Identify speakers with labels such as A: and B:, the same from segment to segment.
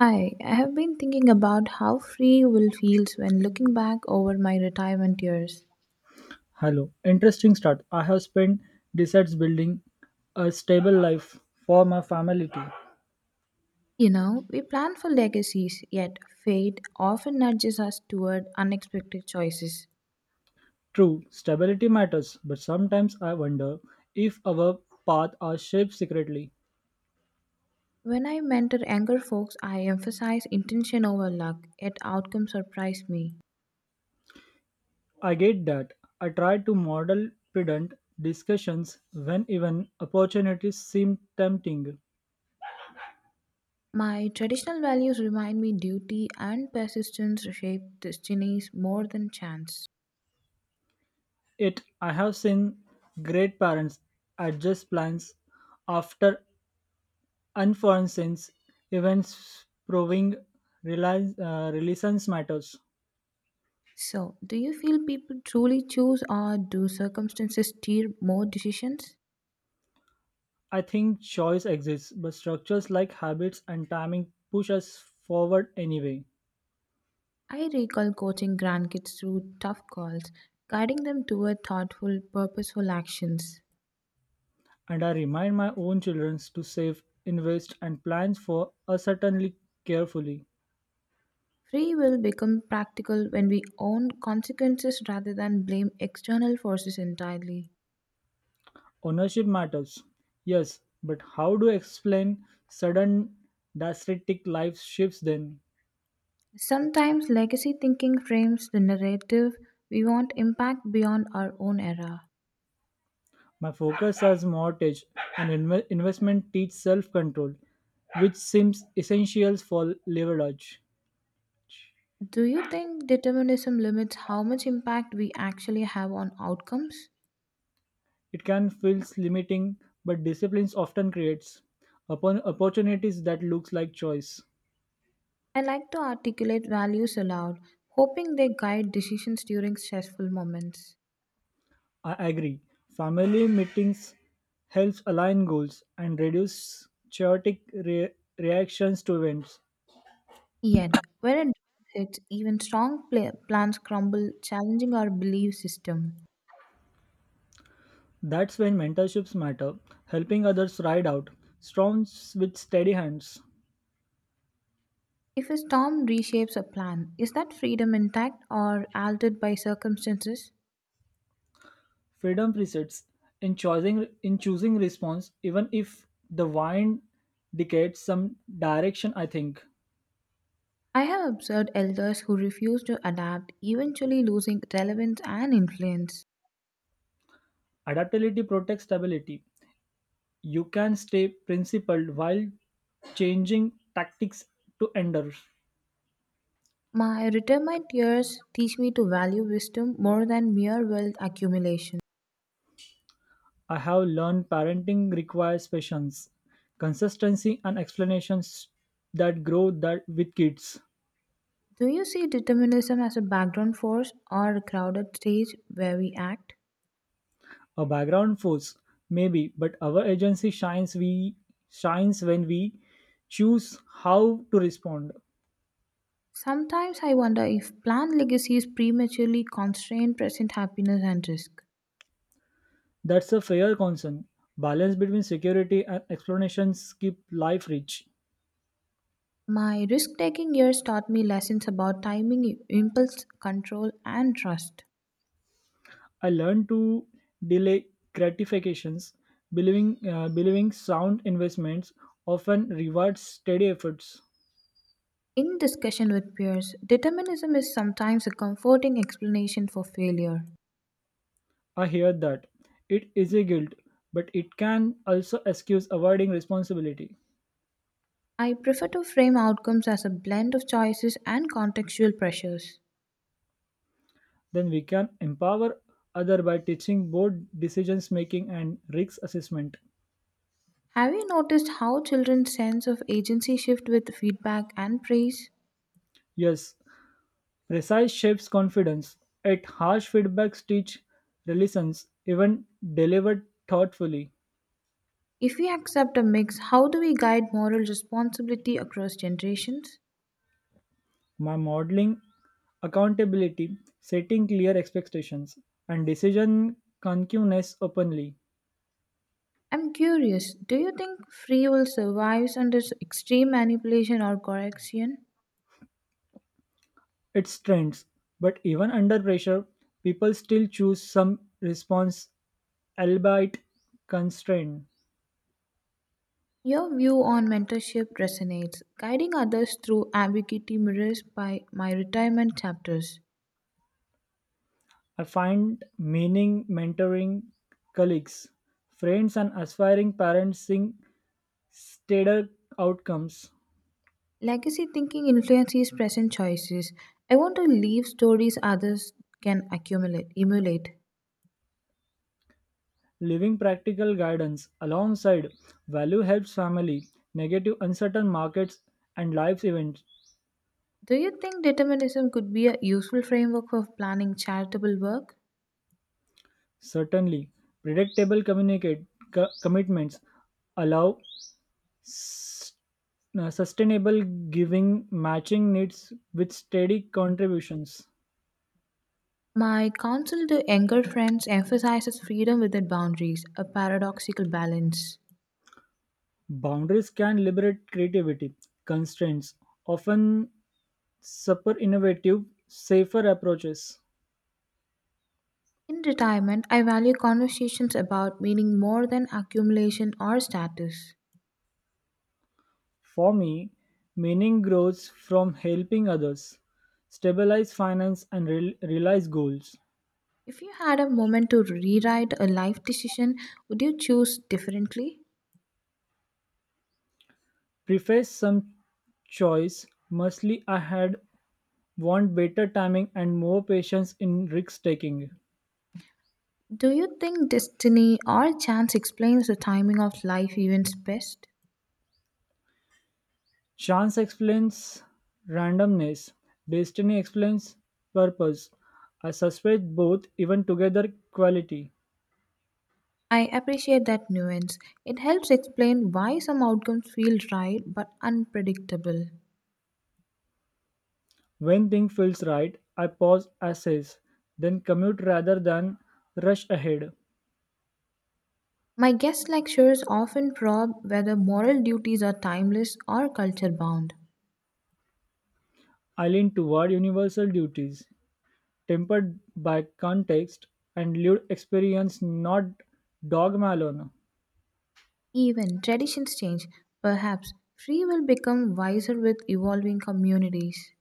A: Hi, I have been thinking about how free will feels when looking back over my retirement years.
B: Hello. Interesting start. I have spent decades building a stable life for my family too.
A: You know, we plan for legacies, yet fate often nudges us toward unexpected choices.
B: True, stability matters, but sometimes I wonder if our paths are shaped secretly.
A: When I mentor younger folks, I emphasize intention over luck, yet outcomes surprise me.
B: I get that. I try to model prudent discussions when even opportunities seem tempting.
A: My traditional values remind me duty and persistence shape destinies more than chance.
B: It I have seen great parents adjust plans after unforeseen events proving realize, resilience matters.
A: So, do you feel people truly choose or do circumstances steer more decisions?
B: I think choice exists, but structures like habits and timing push us forward anyway.
A: I recall coaching grandkids through tough calls, guiding them toward thoughtful, purposeful actions.
B: And I remind my own children to save, invest, and plan for uncertainty carefully.
A: Free will becomes practical when we own consequences rather than blame external forces entirely.
B: Ownership matters, yes, but how do you explain sudden drastic life shifts then?
A: Sometimes legacy thinking frames the narrative we want impact beyond our own era.
B: My focus as mortgage and investment teach self-control, which seems essential for leverage.
A: Do you think determinism limits how much impact we actually have on outcomes?
B: It can feel limiting, but discipline often creates upon opportunities that looks like choice.
A: I like to articulate values aloud, hoping they guide decisions during stressful moments.
B: I agree. Family meetings helps align goals and reduce chaotic reactions to events.
A: Yet, when a drought hits, even strong plans crumble, challenging our belief system.
B: That's when mentorships matter, helping others ride out storms with steady hands.
A: If a storm reshapes a plan, is that freedom intact or altered by circumstances?
B: Freedom persists in choosing response, even if the wind dictates some direction. I think
A: I have observed elders who refuse to adapt, eventually losing relevance and influence.
B: adaptability protects stability. You can stay principled while changing tactics to endure.
A: My retirement years teach me to value wisdom more than mere wealth accumulation.
B: I have learned parenting requires patience, consistency, and explanations that grow that with kids.
A: Do you see determinism as a background force or a crowded stage where we act?
B: A background force, maybe, but our agency shines when we choose how to respond.
A: Sometimes I wonder if planned legacies prematurely constrain present happiness and risk.
B: That's a fair concern. Balance between security and explanations keep life rich.
A: My risk taking years taught me lessons about timing, impulse control, and trust.
B: I learned to delay gratifications, believing sound investments often rewards steady efforts.
A: In discussion with peers, determinism is sometimes a comforting explanation for failure.
B: I hear that it is a guilt, but it can also excuse avoiding responsibility.
A: I prefer to frame outcomes as a blend of choices and contextual pressures.
B: Then we can empower other by teaching both decisions making and risk assessment.
A: Have you noticed how children's sense of agency shift with feedback and praise?
B: Yes, precise shapes confidence at harsh feedbacks teach resilience even delivered thoughtfully.
A: If we accept a mix, how do we guide moral responsibility across generations?
B: My modeling accountability, setting clear expectations and decision concreteness openly.
A: I'm curious, do you think free will survives under extreme manipulation or correction?
B: Its strengths, but even under pressure people still choose some response, albeit constrained.
A: Your view on mentorship resonates, guiding others through ambiguity mirrors by my retirement chapters.
B: I find meaning mentoring colleagues, friends, and aspiring parents seeing steadier outcomes.
A: Legacy thinking influences present choices. I want to leave stories others can accumulate, emulate.
B: Living practical guidance alongside value helps family, negative uncertain markets and life's events.
A: Do you think determinism could be a useful framework for planning charitable work?
B: Certainly, predictable communicate commitments allow s- sustainable giving matching needs with steady contributions.
A: My counsel to younger friends emphasizes freedom within boundaries, a paradoxical balance.
B: Boundaries can liberate creativity. Constraints often super innovative, safer approaches.
A: In retirement, I value conversations about meaning more than accumulation or status.
B: For me, meaning grows from helping others, stabilize finance and realize goals.
A: If you had a moment to rewrite a life decision, would you choose differently?
B: Preface some choice. Mostly, I had want better timing and more patience in risk taking.
A: Do you think destiny or chance explains the timing of life events best?
B: Chance explains randomness, destiny explains purpose. I suspect both even together quality.
A: I appreciate that nuance. It helps explain why some outcomes feel right but unpredictable.
B: When thing feels right, I pause, assess, then commute rather than rush ahead.
A: My guest lectures often probe whether moral duties are timeless or culture bound.
B: I lean toward universal duties, tempered by context and lived experience, not dogma alone.
A: Even traditions change. Perhaps free will become wiser with evolving communities.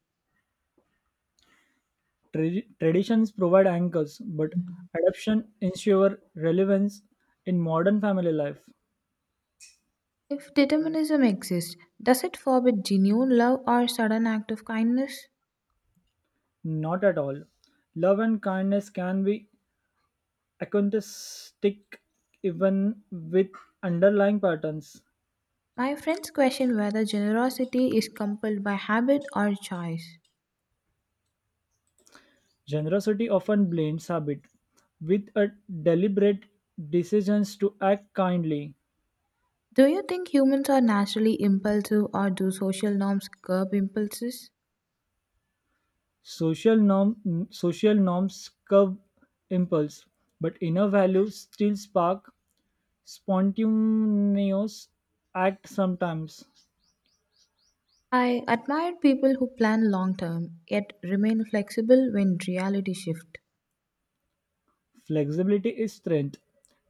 B: Traditions provide anchors, but adoption ensures relevance in modern family life.
A: If determinism exists, does it forbid genuine love or sudden act of kindness?
B: Not at all. Love and kindness can be acoustic even with underlying patterns.
A: My friends question whether generosity is compelled by habit or choice.
B: Generosity often blends habit with a deliberate decisions to act kindly.
A: Do you think humans are naturally impulsive or do social norms curb impulses?
B: Social norms curb impulse, but inner values still spark spontaneous act sometimes.
A: I admire people who plan long term yet remain flexible when reality shifts.
B: Flexibility is strength.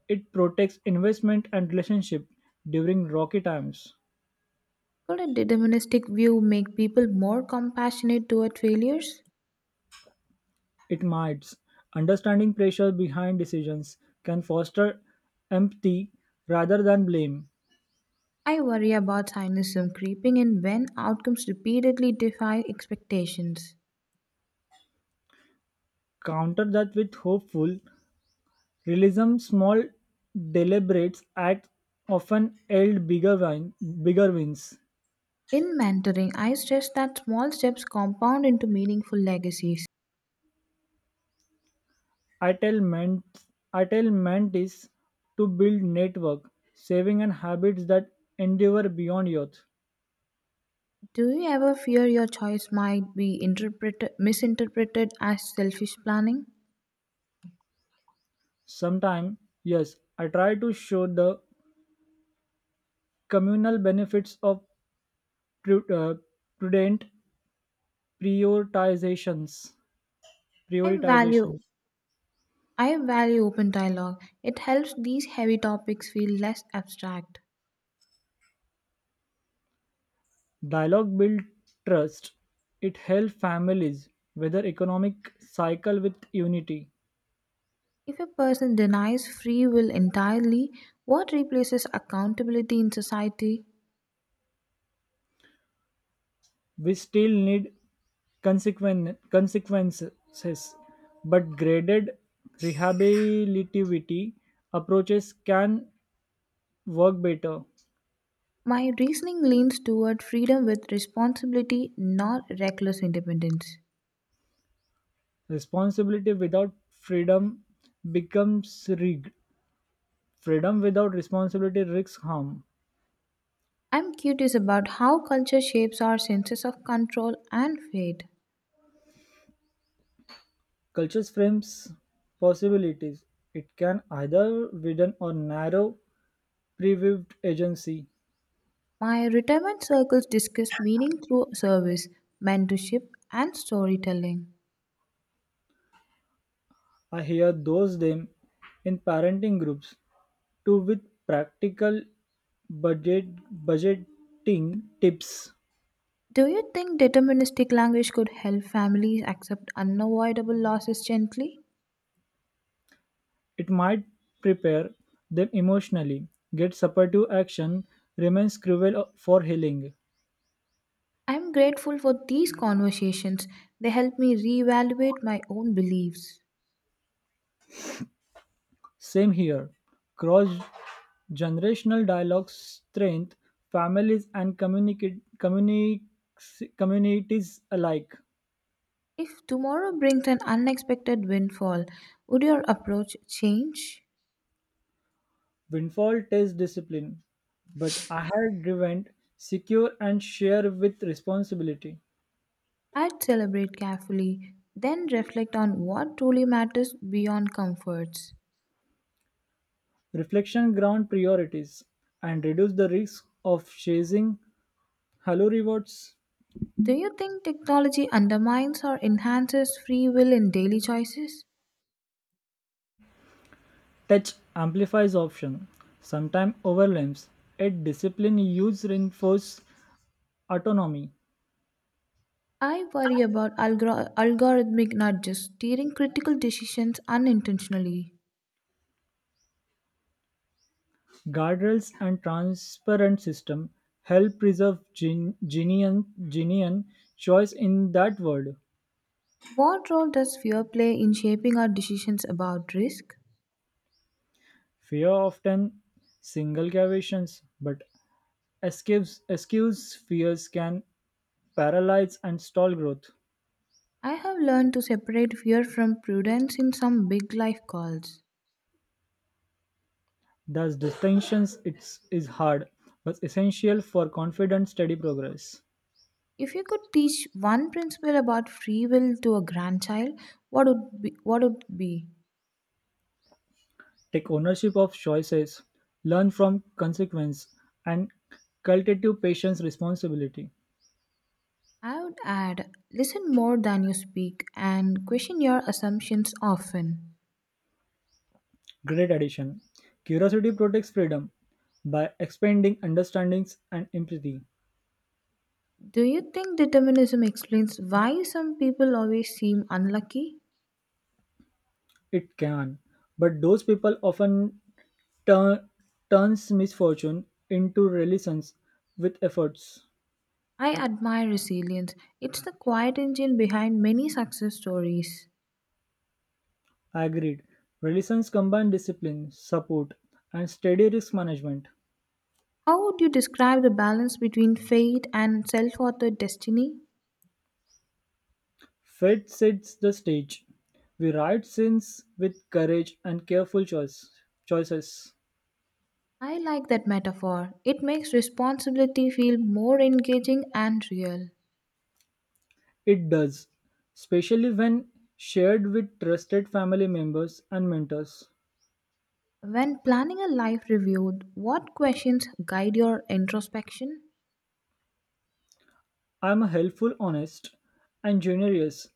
B: It protects investment and relationship during rocky times.
A: Could a deterministic view make people more compassionate toward failures?
B: It mites. Understanding pressure behind decisions can foster empathy rather than blame.
A: I worry about cynicism creeping in when outcomes repeatedly defy expectations.
B: Counter that with hopeful realism. Small, deliberate acts often yield bigger wins.
A: In mentoring, I stress that small steps compound into meaningful legacies.
B: I tell men, I tell mentees to build network, saving and habits that endure beyond youth.
A: Do you ever fear your choice might be misinterpreted as selfish planning?
B: Sometimes, yes, I try to show the communal benefits of pru- uh, prudent prioritizations.
A: I value
B: Prioritizations.
A: I value open dialogue. It helps these heavy topics feel less abstract.
B: Dialogue build trust. It helps families weather economic cycle with unity.
A: If a person denies free will entirely, what replaces accountability in society?
B: We still need consequences, but graded rehabilitativity approaches can work better.
A: My reasoning leans toward freedom with responsibility, not reckless independence.
B: Responsibility without freedom becomes rigged. Freedom without responsibility risks harm.
A: I'm curious about how culture shapes our senses of control and fate.
B: Cultures frames possibilities. It can either widen or narrow previewed agency.
A: My retirement circles discuss meaning through service, mentorship, and storytelling.
B: I hear those them in parenting groups too with practical budget budgeting tips.
A: Do you think deterministic language could help families accept unavoidable losses gently?
B: It might prepare them emotionally, get supportive action, remains cruel for healing.
A: I am grateful for these conversations. They help me reevaluate my own beliefs.
B: Same here. Cross generational dialogue strength families and communities alike.
A: If tomorrow brings an unexpected windfall, would your approach change?
B: Windfall test discipline, but I had driven secure and share with responsibility.
A: I'd celebrate carefully, then reflect on what truly matters beyond comforts.
B: Reflection ground priorities and reduce the risk of chasing hello rewards.
A: Do you think technology undermines or enhances free will in daily choices?
B: Touch amplifies option, sometimes overlaps. Yet discipline use reinforce autonomy.
A: I worry about algorithmic nudges steering critical decisions unintentionally.
B: Guardrails and transparent system help preserve genuine choice in that world.
A: What role does fear play in shaping our decisions about risk?
B: Fear often single cavities, but escapes fears can paralyze and stall growth.
A: I have learned to separate fear from prudence in some big life calls.
B: Thus, distinctions it's, is hard, but essential for confident, steady progress.
A: If you could teach one principle about free will to a grandchild, what would it be?
B: Take ownership of choices, learn from consequence, and cultivate patience responsibility.
A: I would add listen more than you speak and question your assumptions often.
B: Great addition. Curiosity protects freedom by expanding understandings and empathy.
A: Do you think determinism explains why some people always seem unlucky?
B: It can, but those people often turn turns misfortune into relations with efforts.
A: I admire resilience. It's the quiet engine behind many success stories.
B: Agreed. Relations combine discipline, support, and steady risk management.
A: How would you describe the balance between fate and self authored destiny?
B: Fate sets the stage. We write scenes with courage and careful choices.
A: I like that metaphor. It makes responsibility feel more engaging and real.
B: It does, especially when shared with trusted family members and mentors.
A: When planning a life review, what questions guide your introspection?
B: I'm a helpful, honest, and generous.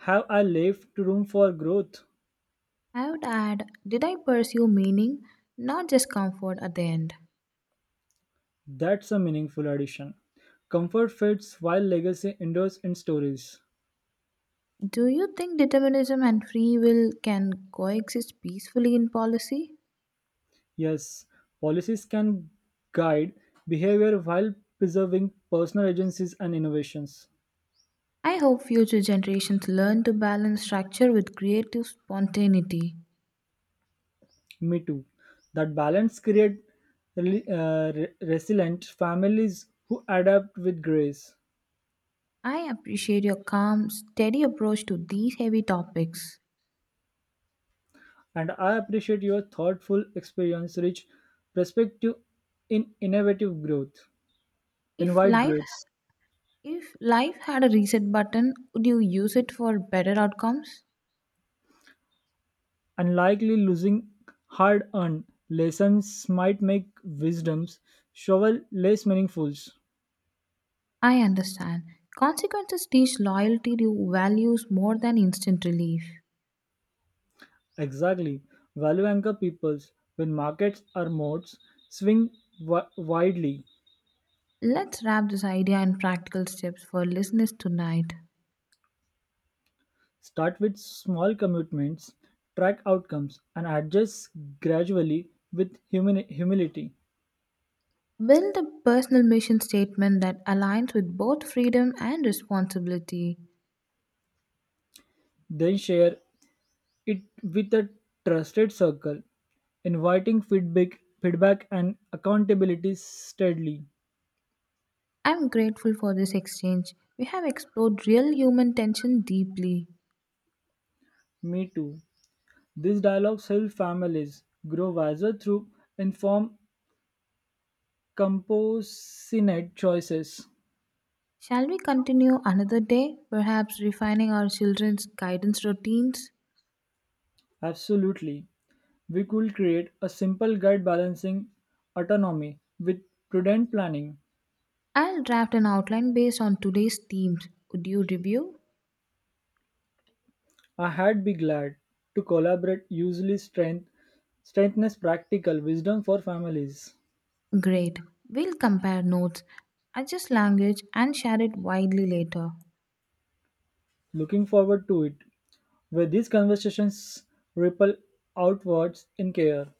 B: Have I left room for growth?
A: I would add, did I pursue meaning, not just comfort at the end?
B: That's a meaningful addition. Comfort fades while legacy endures in stories.
A: Do you think determinism and free will can coexist peacefully in policy?
B: Yes, policies can guide behavior while preserving personal agencies and innovations.
A: I hope future generations learn to balance structure with creative spontaneity.
B: Me too. That balance creates resilient families who adapt with grace.
A: I appreciate your calm, steady approach to these heavy topics.
B: And I appreciate your thoughtful experience, rich perspective in innovative growth, in
A: If
B: wide
A: life
B: growths.
A: if life had a reset button, would you use it for better outcomes?
B: Unlikely losing hard earned lessons might make wisdoms shovel less meaningful.
A: I understand. Consequences teach loyalty to values more than instant relief.
B: Exactly. Value anchor peoples when markets or modes swing widely.
A: Let's wrap this idea in practical steps for listeners tonight.
B: Start with small commitments, track outcomes, and adjust gradually with humility.
A: Build a personal mission statement that aligns with both freedom and responsibility.
B: Then share it with a trusted circle, inviting feedback and accountability steadily.
A: I'm grateful for this exchange. We have explored real human tension deeply.
B: Me too. These dialogues help families grow wiser through informed, compassionate choices.
A: Shall we continue another day, perhaps refining our children's guidance routines?
B: Absolutely. We could create a simple guide balancing autonomy with prudent planning.
A: I'll draft an outline based on today's themes. Would you review?
B: I had be glad to collaborate usually strengthness practical wisdom for families.
A: Great. We'll compare notes, adjust language, and share it widely later.
B: Looking forward to it, where these conversations ripple outwards in care,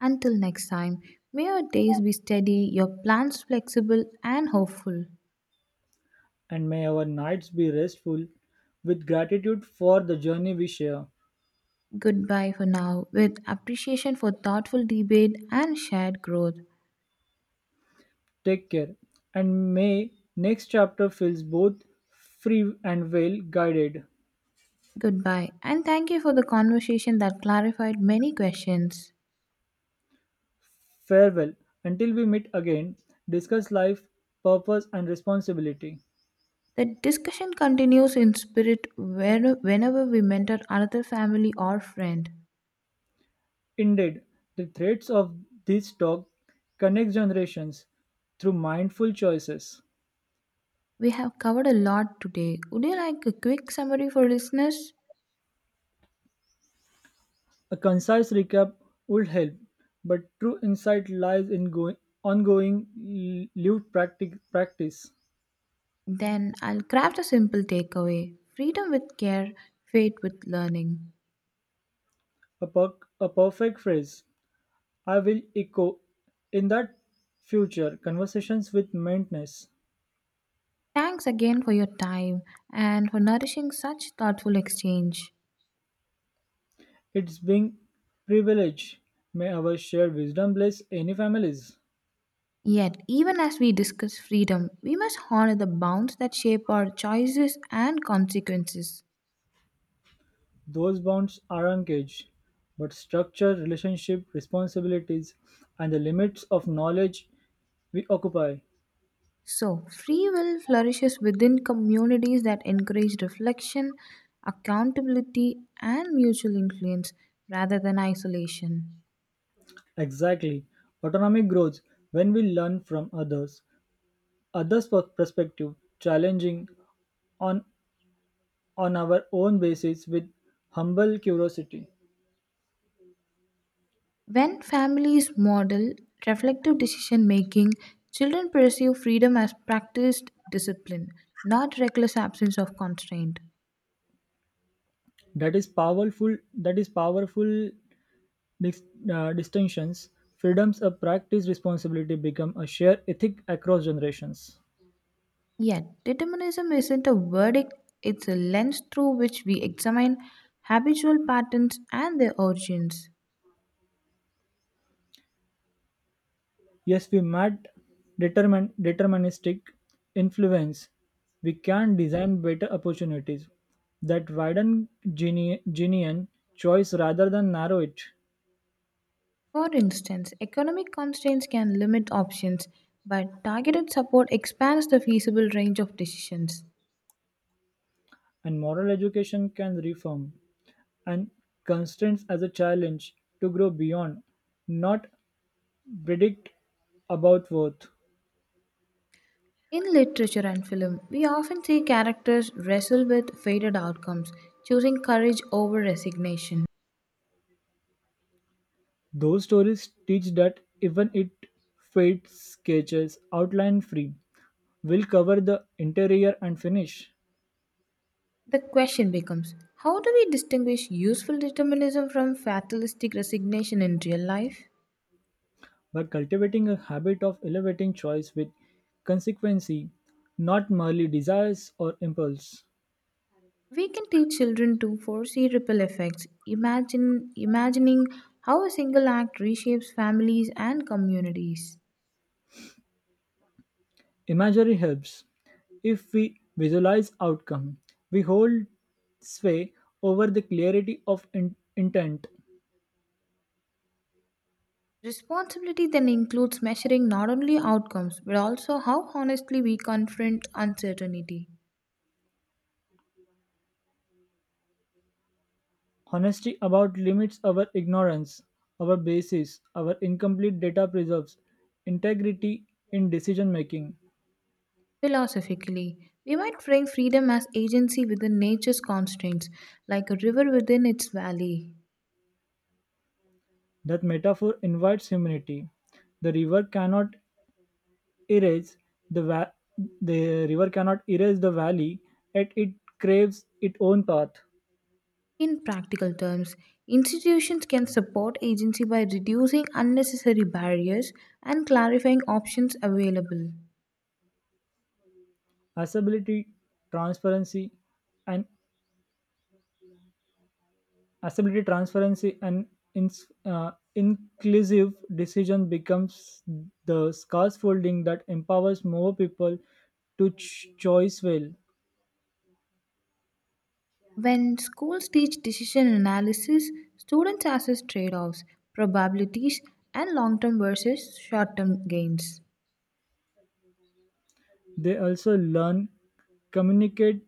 A: Until next time, may your days be steady, your plans flexible and hopeful.
B: and may our nights be restful with gratitude for the journey we share.
A: Goodbye for now, with appreciation for thoughtful debate and shared growth.
B: Take care, and may next chapter feels both free and well guided.
A: Goodbye, and thank you for the conversation that clarified many questions.
B: Farewell until we meet again, discuss life, purpose, and responsibility.
A: The discussion continues in spirit whenever we mentor another family or friend.
B: Indeed, the threads of this talk connect generations through mindful choices.
A: We have covered a lot today. Would you like a quick summary for listeners?
B: A concise recap would help, but true insight lies in ongoing lived practice.
A: Then I'll craft a simple takeaway freedom with care, faith with learning.
B: A, per- a perfect phrase I will echo in that future conversations with maintenance.
A: Thanks again for your time and for nourishing such thoughtful exchange.
B: It's being privilege. May our shared wisdom bless any families.
A: Yet, even as we discuss freedom, we must honor the bounds that shape our choices and consequences.
B: Those bounds are engaged, but structure, relationship, responsibilities, and the limits of knowledge we occupy.
A: So, free will flourishes within communities that encourage reflection, accountability, and mutual influence rather than isolation.
B: Exactly. Autonomy grows when we learn from others, others' perspective, challenging on, on our own basis with humble curiosity.
A: When families model reflective decision making, children perceive freedom as practiced discipline, not reckless absence of constraint.
B: That is powerful dis- distinctions. Freedoms of practice responsibility become a shared ethic across generations.
A: Yet, determinism isn't a verdict, it's a lens through which we examine habitual patterns and their origins.
B: Yes, we might determine deterministic influence. We can design better opportunities that widen genuine choice rather than narrow it.
A: For instance, economic constraints can limit options, but targeted support expands the feasible range of decisions.
B: And moral education can reform and constraints as a challenge to grow beyond, not predict about worth.
A: In literature and film, we often see characters wrestle with fated outcomes, choosing courage over resignation.
B: Those stories teach that even it fate sketches outline free will cover the interior and finish.
A: The question becomes, how do we distinguish useful determinism from fatalistic resignation in real life?
B: By cultivating a habit of elevating choice with consequency, not merely desires or impulse.
A: We can teach children to foresee ripple effects, imagine imagining how a single act reshapes families and communities.
B: Imagery helps. If we visualize outcome, we hold sway over the clarity of intent.
A: Responsibility then includes measuring not only outcomes but also how honestly we confront uncertainty.
B: Honesty about limits our ignorance, our basis, our incomplete data preserves integrity in decision making.
A: Philosophically, we might frame freedom as agency within nature's constraints, like a river within its valley.
B: That metaphor invites humility. The river cannot erase the va- the river cannot erase the valley, yet it craves its own path.
A: In practical terms, institutions can support agency by reducing unnecessary barriers and clarifying options available.
B: Accessibility transparency and accessibility transparency and inclusive decision becomes the scaffolding that empowers more people to choice well.
A: When schools teach decision analysis, students assess trade offs, probabilities, and long term versus short term gains.
B: They also learn communicate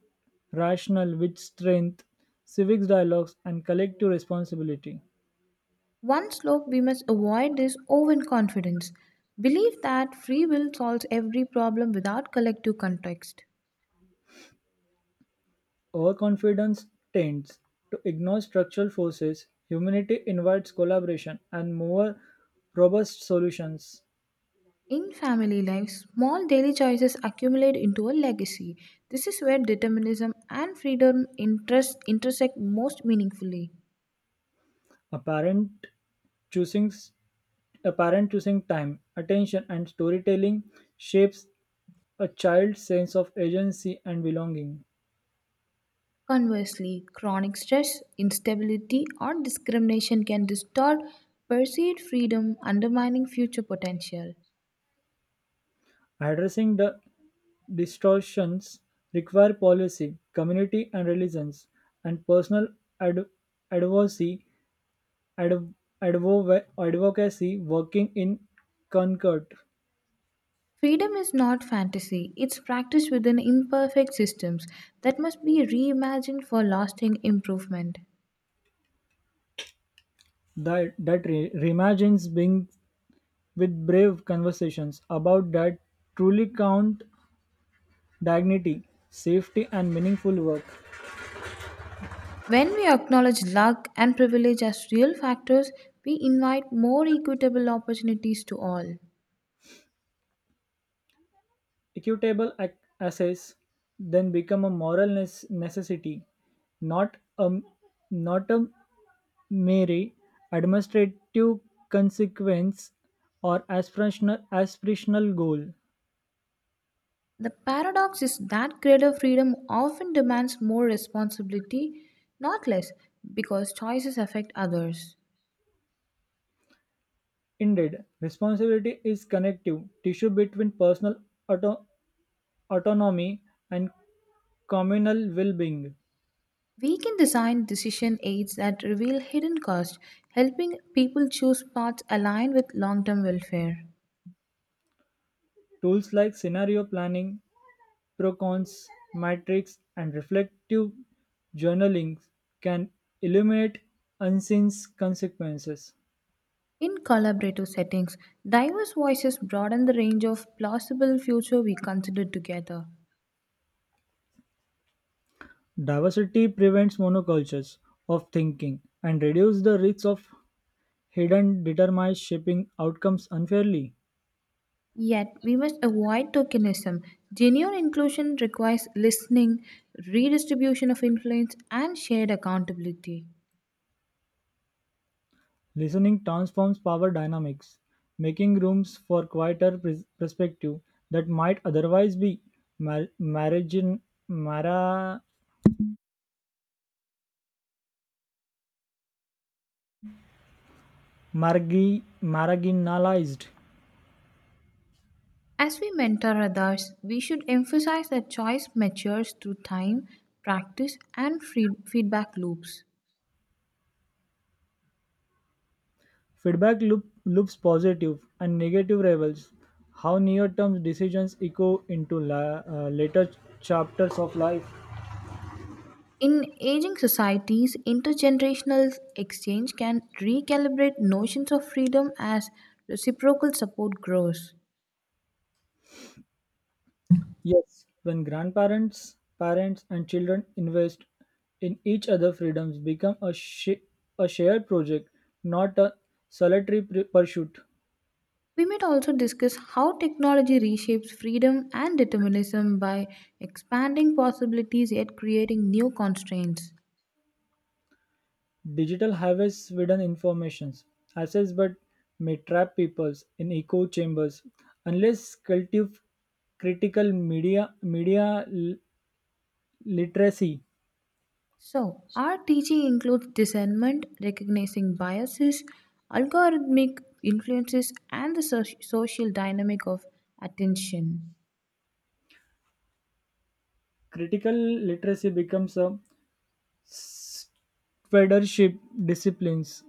B: rational with strength civics dialogues and collective responsibility.
A: One slope we must avoid is overconfidence. Believe that free will solves every problem without collective context.
B: Overconfidence tends to ignore structural forces. Humanity invites collaboration and more robust solutions.
A: In family life, small daily choices accumulate into a legacy. This is where determinism and freedom intersect most meaningfully.
B: Apparent choosing a choosing time, attention, and storytelling shapes a child's sense of agency and belonging.
A: Conversely, chronic stress, instability, or discrimination can distort perceived freedom, undermining future potential.
B: Addressing the distortions require policy, community and religions, and personal ad- advocacy adv- advocacy working in Concord.
A: Freedom is not fantasy, it's practice within imperfect systems that must be reimagined for lasting improvement.
B: That reimagines being with brave conversations about that truly count dignity, safety, and meaningful work.
A: When we acknowledge luck and privilege as real factors, we invite more equitable opportunities to all.
B: Equitable access then become a moral necessity, not a not a mere administrative consequence or aspirational goal.
A: The paradox is that greater freedom often demands more responsibility, not less, because choices affect others.
B: Indeed, responsibility is connective tissue between personal auto- autonomy and communal well-being.
A: We can design decision aids that reveal hidden costs, helping people choose paths aligned with long term welfare.
B: Tools like scenario planning, procons, matrix, and reflective journaling can illuminate unseen consequences.
A: In collaborative settings, diverse voices broaden the range of plausible future we consider together.
B: Diversity prevents monocultures of thinking and reduces the risks of hidden determinants shaping outcomes unfairly.
A: Yet, we must avoid tokenism. Genuine inclusion requires listening, redistribution of influence, and shared accountability.
B: Listening transforms power dynamics, making rooms for quieter perspective that might otherwise be mar- margin- mara- marginalized.
A: As we mentor others, we should emphasize that choice matures through time, practice, and feedback loops.
B: Feedback loops positive and negative rebels. How near-term decisions echo into later chapters of life.
A: In aging societies, intergenerational exchange can recalibrate notions of freedom as reciprocal support grows.
B: Yes, when grandparents, parents, and children invest in each other, freedoms become a shared project, not a solitary pursuit.
A: We might also discuss how technology reshapes freedom and determinism by expanding possibilities yet creating new constraints.
B: Digital highways widen informations, access, but may trap peoples in echo chambers unless cultive critical media literacy.
A: So, our teaching includes discernment, recognizing biases, algorithmic influences, and the social dynamic of attention.
B: Critical literacy becomes a federship disciplines.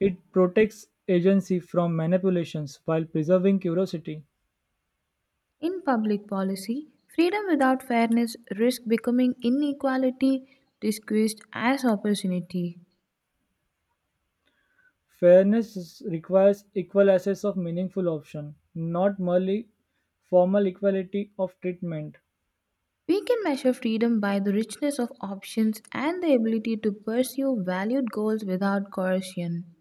B: It protects agency from manipulations while preserving curiosity.
A: In public policy, freedom without fairness risks becoming inequality disguised as opportunity.
B: Fairness requires equal access of meaningful option, not merely formal equality of treatment.
A: We can measure freedom by the richness of options and the ability to pursue valued goals without coercion.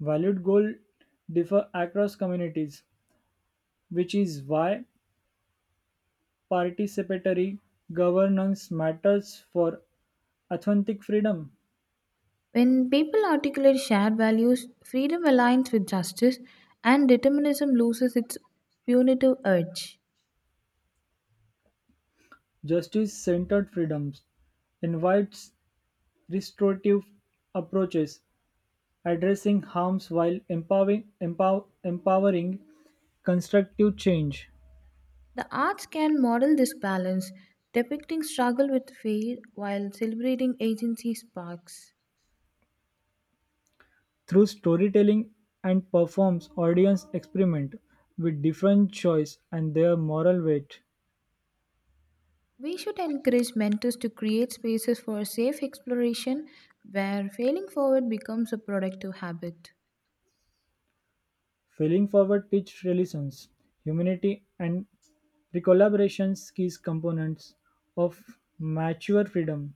B: Valued goals differ across communities, which is why participatory governance matters for authentic freedom.
A: When people articulate shared values, freedom aligns with justice and determinism loses its punitive urge.
B: Justice centered freedoms invites restorative approaches, addressing harms while empowering, empowering constructive change.
A: The arts can model this balance, depicting struggle with faith while celebrating agency sparks.
B: Through storytelling and performs audience experiment with different choice and their moral weight.
A: We should encourage mentors to create spaces for safe exploration where failing forward becomes a productive habit.
B: Feeling forward teach relations, humanity and recollaborations key components of mature freedom.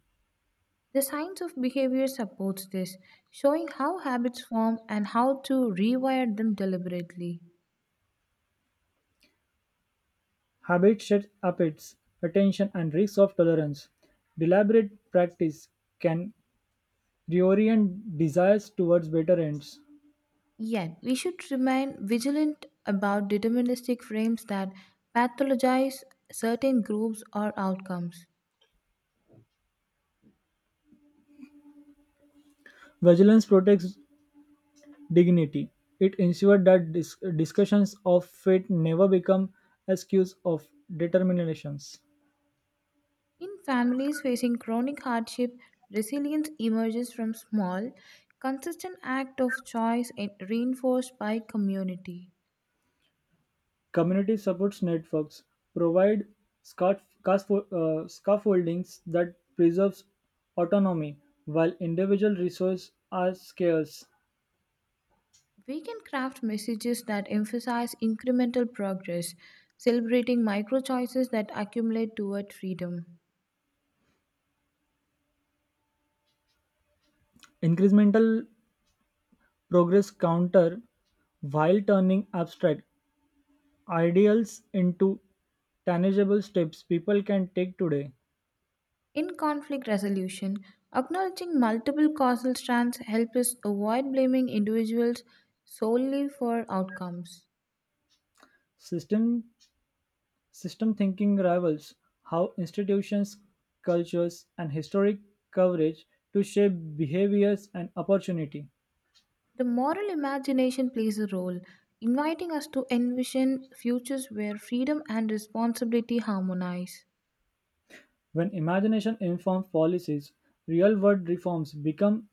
A: The science of behavior supports this, showing how habits form and how to rewire them deliberately.
B: Habit shapes appetites, attention and risks of tolerance. Deliberate practice can reorient desires towards better ends.
A: Yet, we should remain vigilant about deterministic frames that pathologize certain groups or outcomes.
B: Vigilance protects dignity. It ensures that discussions of fate never become excuse of determinations.
A: In families facing chronic hardship, resilience emerges from small, consistent act of choice and reinforced by community.
B: Community supports networks provide scaffoldings that preserves autonomy while individual resources are scarce.
A: We can craft messages that emphasize incremental progress, celebrating micro choices that accumulate toward freedom.
B: Incremental progress counter while turning abstract ideals into tangible steps people can take today.
A: In conflict resolution, acknowledging multiple causal strands helps us avoid blaming individuals solely for outcomes.
B: System System thinking rivals how institutions, cultures, and historic coverage to shape behaviors and opportunity.
A: The moral imagination plays a role, inviting us to envision futures where freedom and responsibility harmonize.
B: When imagination informs policies, real world reforms become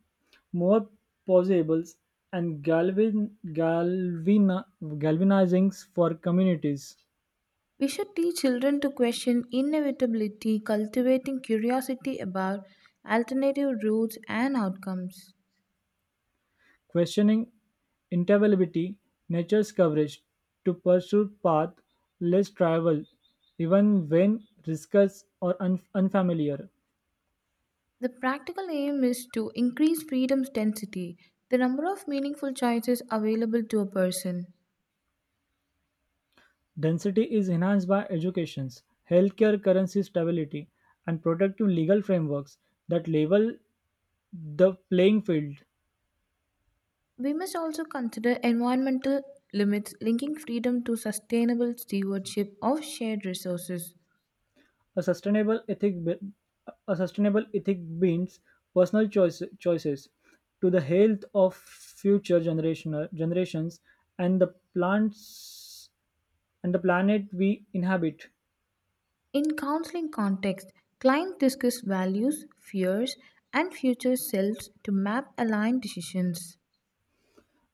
B: more possible and galvanizing for communities.
A: We should teach children to question inevitability, cultivating curiosity about alternative routes and outcomes.
B: Questioning inevitability, nature's coverage to pursue path less traveled, even when risks or unfamiliar.
A: The practical aim is to increase freedom's density, the number of meaningful choices available to a person.
B: Density is enhanced by educations, healthcare currency stability, and protective legal frameworks that level the playing field.
A: We must also consider environmental limits linking freedom to sustainable stewardship of shared resources.
B: A sustainable ethic, be- a sustainable ethic means personal choices to the health of future generational generations and the plants and the planet we inhabit.
A: In counseling context, clients discuss values, fears, and future selves to map aligned decisions.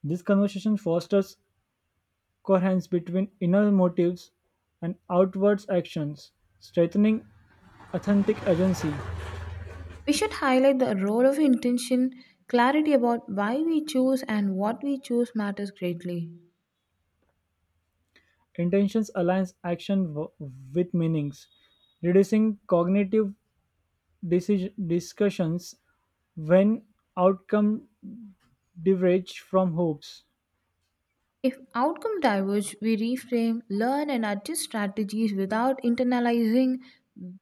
B: This conversation fosters coherence between inner motives and outward actions, strengthening authentic agency.
A: We should highlight the role of intention, clarity about why we choose and what we choose matters greatly.
B: Intentions aligns action with meanings, reducing cognitive decision discussions when outcome diverge from hopes.
A: If outcome diverge, we reframe, learn, and adjust strategies without internalizing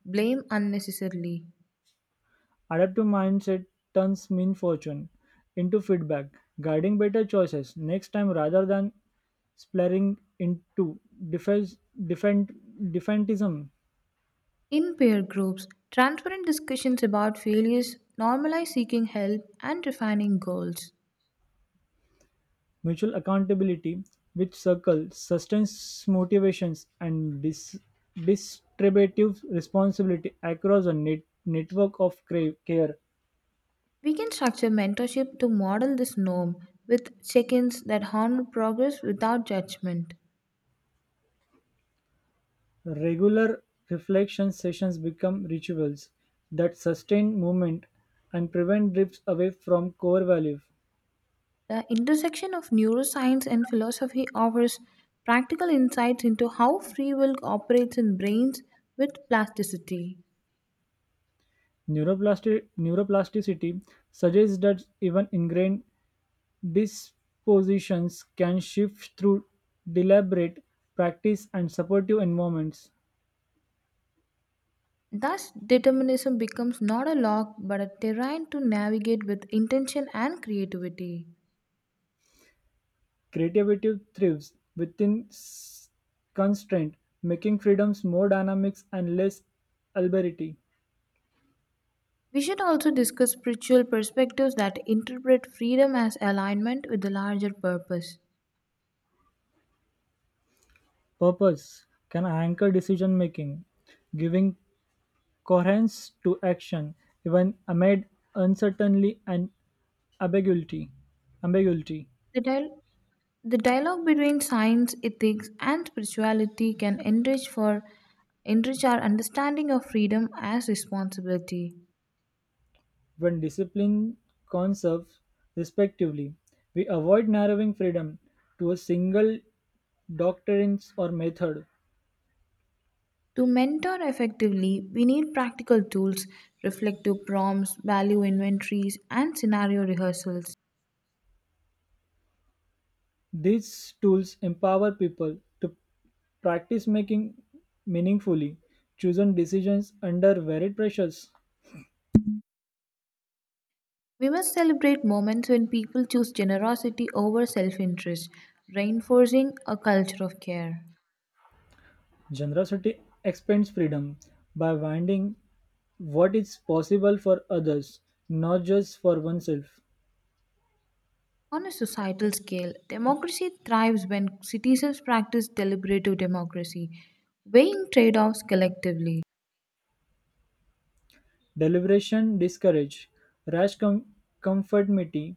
A: blame unnecessarily.
B: Adaptive mindset turns misfortune into feedback, guiding better choices next time rather than splattering into defense, defend, defentism.
A: In peer groups, transparent discussions about failures normalize seeking help and refining goals.
B: Mutual accountability, which circles, sustains motivations and distributive responsibility across a network of care.
A: We can structure mentorship to model this norm with check ins that honor progress without judgment.
B: Regular reflection sessions become rituals that sustain movement and prevent drifts away from core values.
A: The intersection of neuroscience and philosophy offers practical insights into how free will operates in brains with plasticity.
B: Neuroplasticity suggests that even ingrained dispositions can shift through deliberate practice and supportive environments.
A: Thus, determinism becomes not a lock but a terrain to navigate with intention and creativity.
B: Creativity thrives within constraint, making freedoms more dynamics and less arbitrary.
A: We should also discuss spiritual perspectives that interpret freedom as alignment with the larger purpose.
B: Purpose can anchor decision making, giving coherence to action even amid uncertainty and ambiguity. ambiguity.
A: The, dial- The dialogue between science, ethics, and spirituality can enrich our understanding of freedom as responsibility.
B: When discipline conserves respectively, we avoid narrowing freedom to a single doctrines or method.
A: To mentor effectively, we need practical tools, reflective prompts, value inventories, and scenario rehearsals.
B: These tools empower people to practice making meaningfully chosen decisions under varied pressures.
A: We must celebrate moments when people choose generosity over self interest, reinforcing a culture of care.
B: Generosity expands freedom by winding what is possible for others, not just for oneself.
A: On a societal scale, democracy thrives when citizens practice deliberative democracy, weighing trade offs collectively.
B: Deliberation discourages rash conformity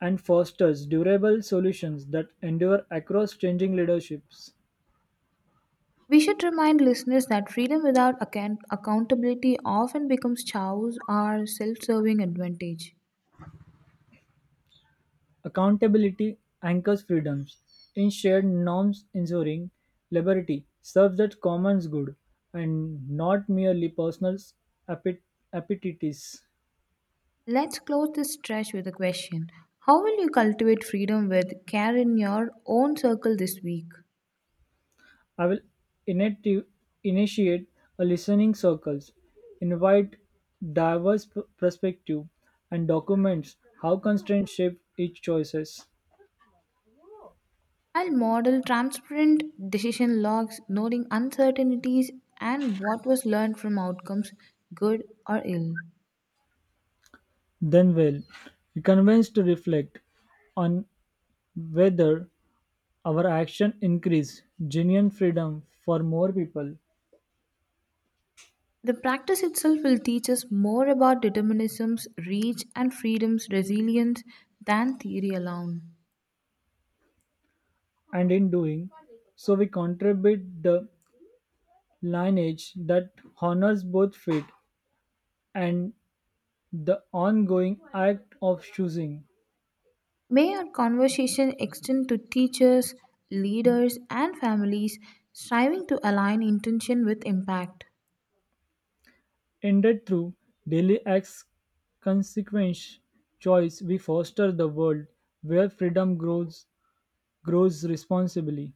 B: and fosters durable solutions that endure across changing leaderships.
A: We should remind listeners that freedom without accountability often becomes chows or self serving advantage.
B: Accountability anchors freedoms in shared norms ensuring liberty serves the common good and not merely personal appet- appetites.
A: Let's close this stretch with a question. How will you cultivate freedom with care in your own circle this week?
B: I will inati- initiate a listening circles, invite diverse perspective and documents how constraints shape each choices.
A: I'll model transparent decision logs, noting uncertainties and what was learned from outcomes, good or ill.
B: Then will be convinced to reflect on whether our action increase genuine freedom for more people,
A: The practice itself will teach us more about determinism's reach and freedom's resilience than theory alone.
B: and in doing so, we contribute the lineage that honors both fate and the ongoing act of choosing.
A: May our conversation extend to teachers, leaders, and families striving to align intention with impact.
B: Ended through daily acts, consequence, choice, we foster the world where freedom grows responsibly.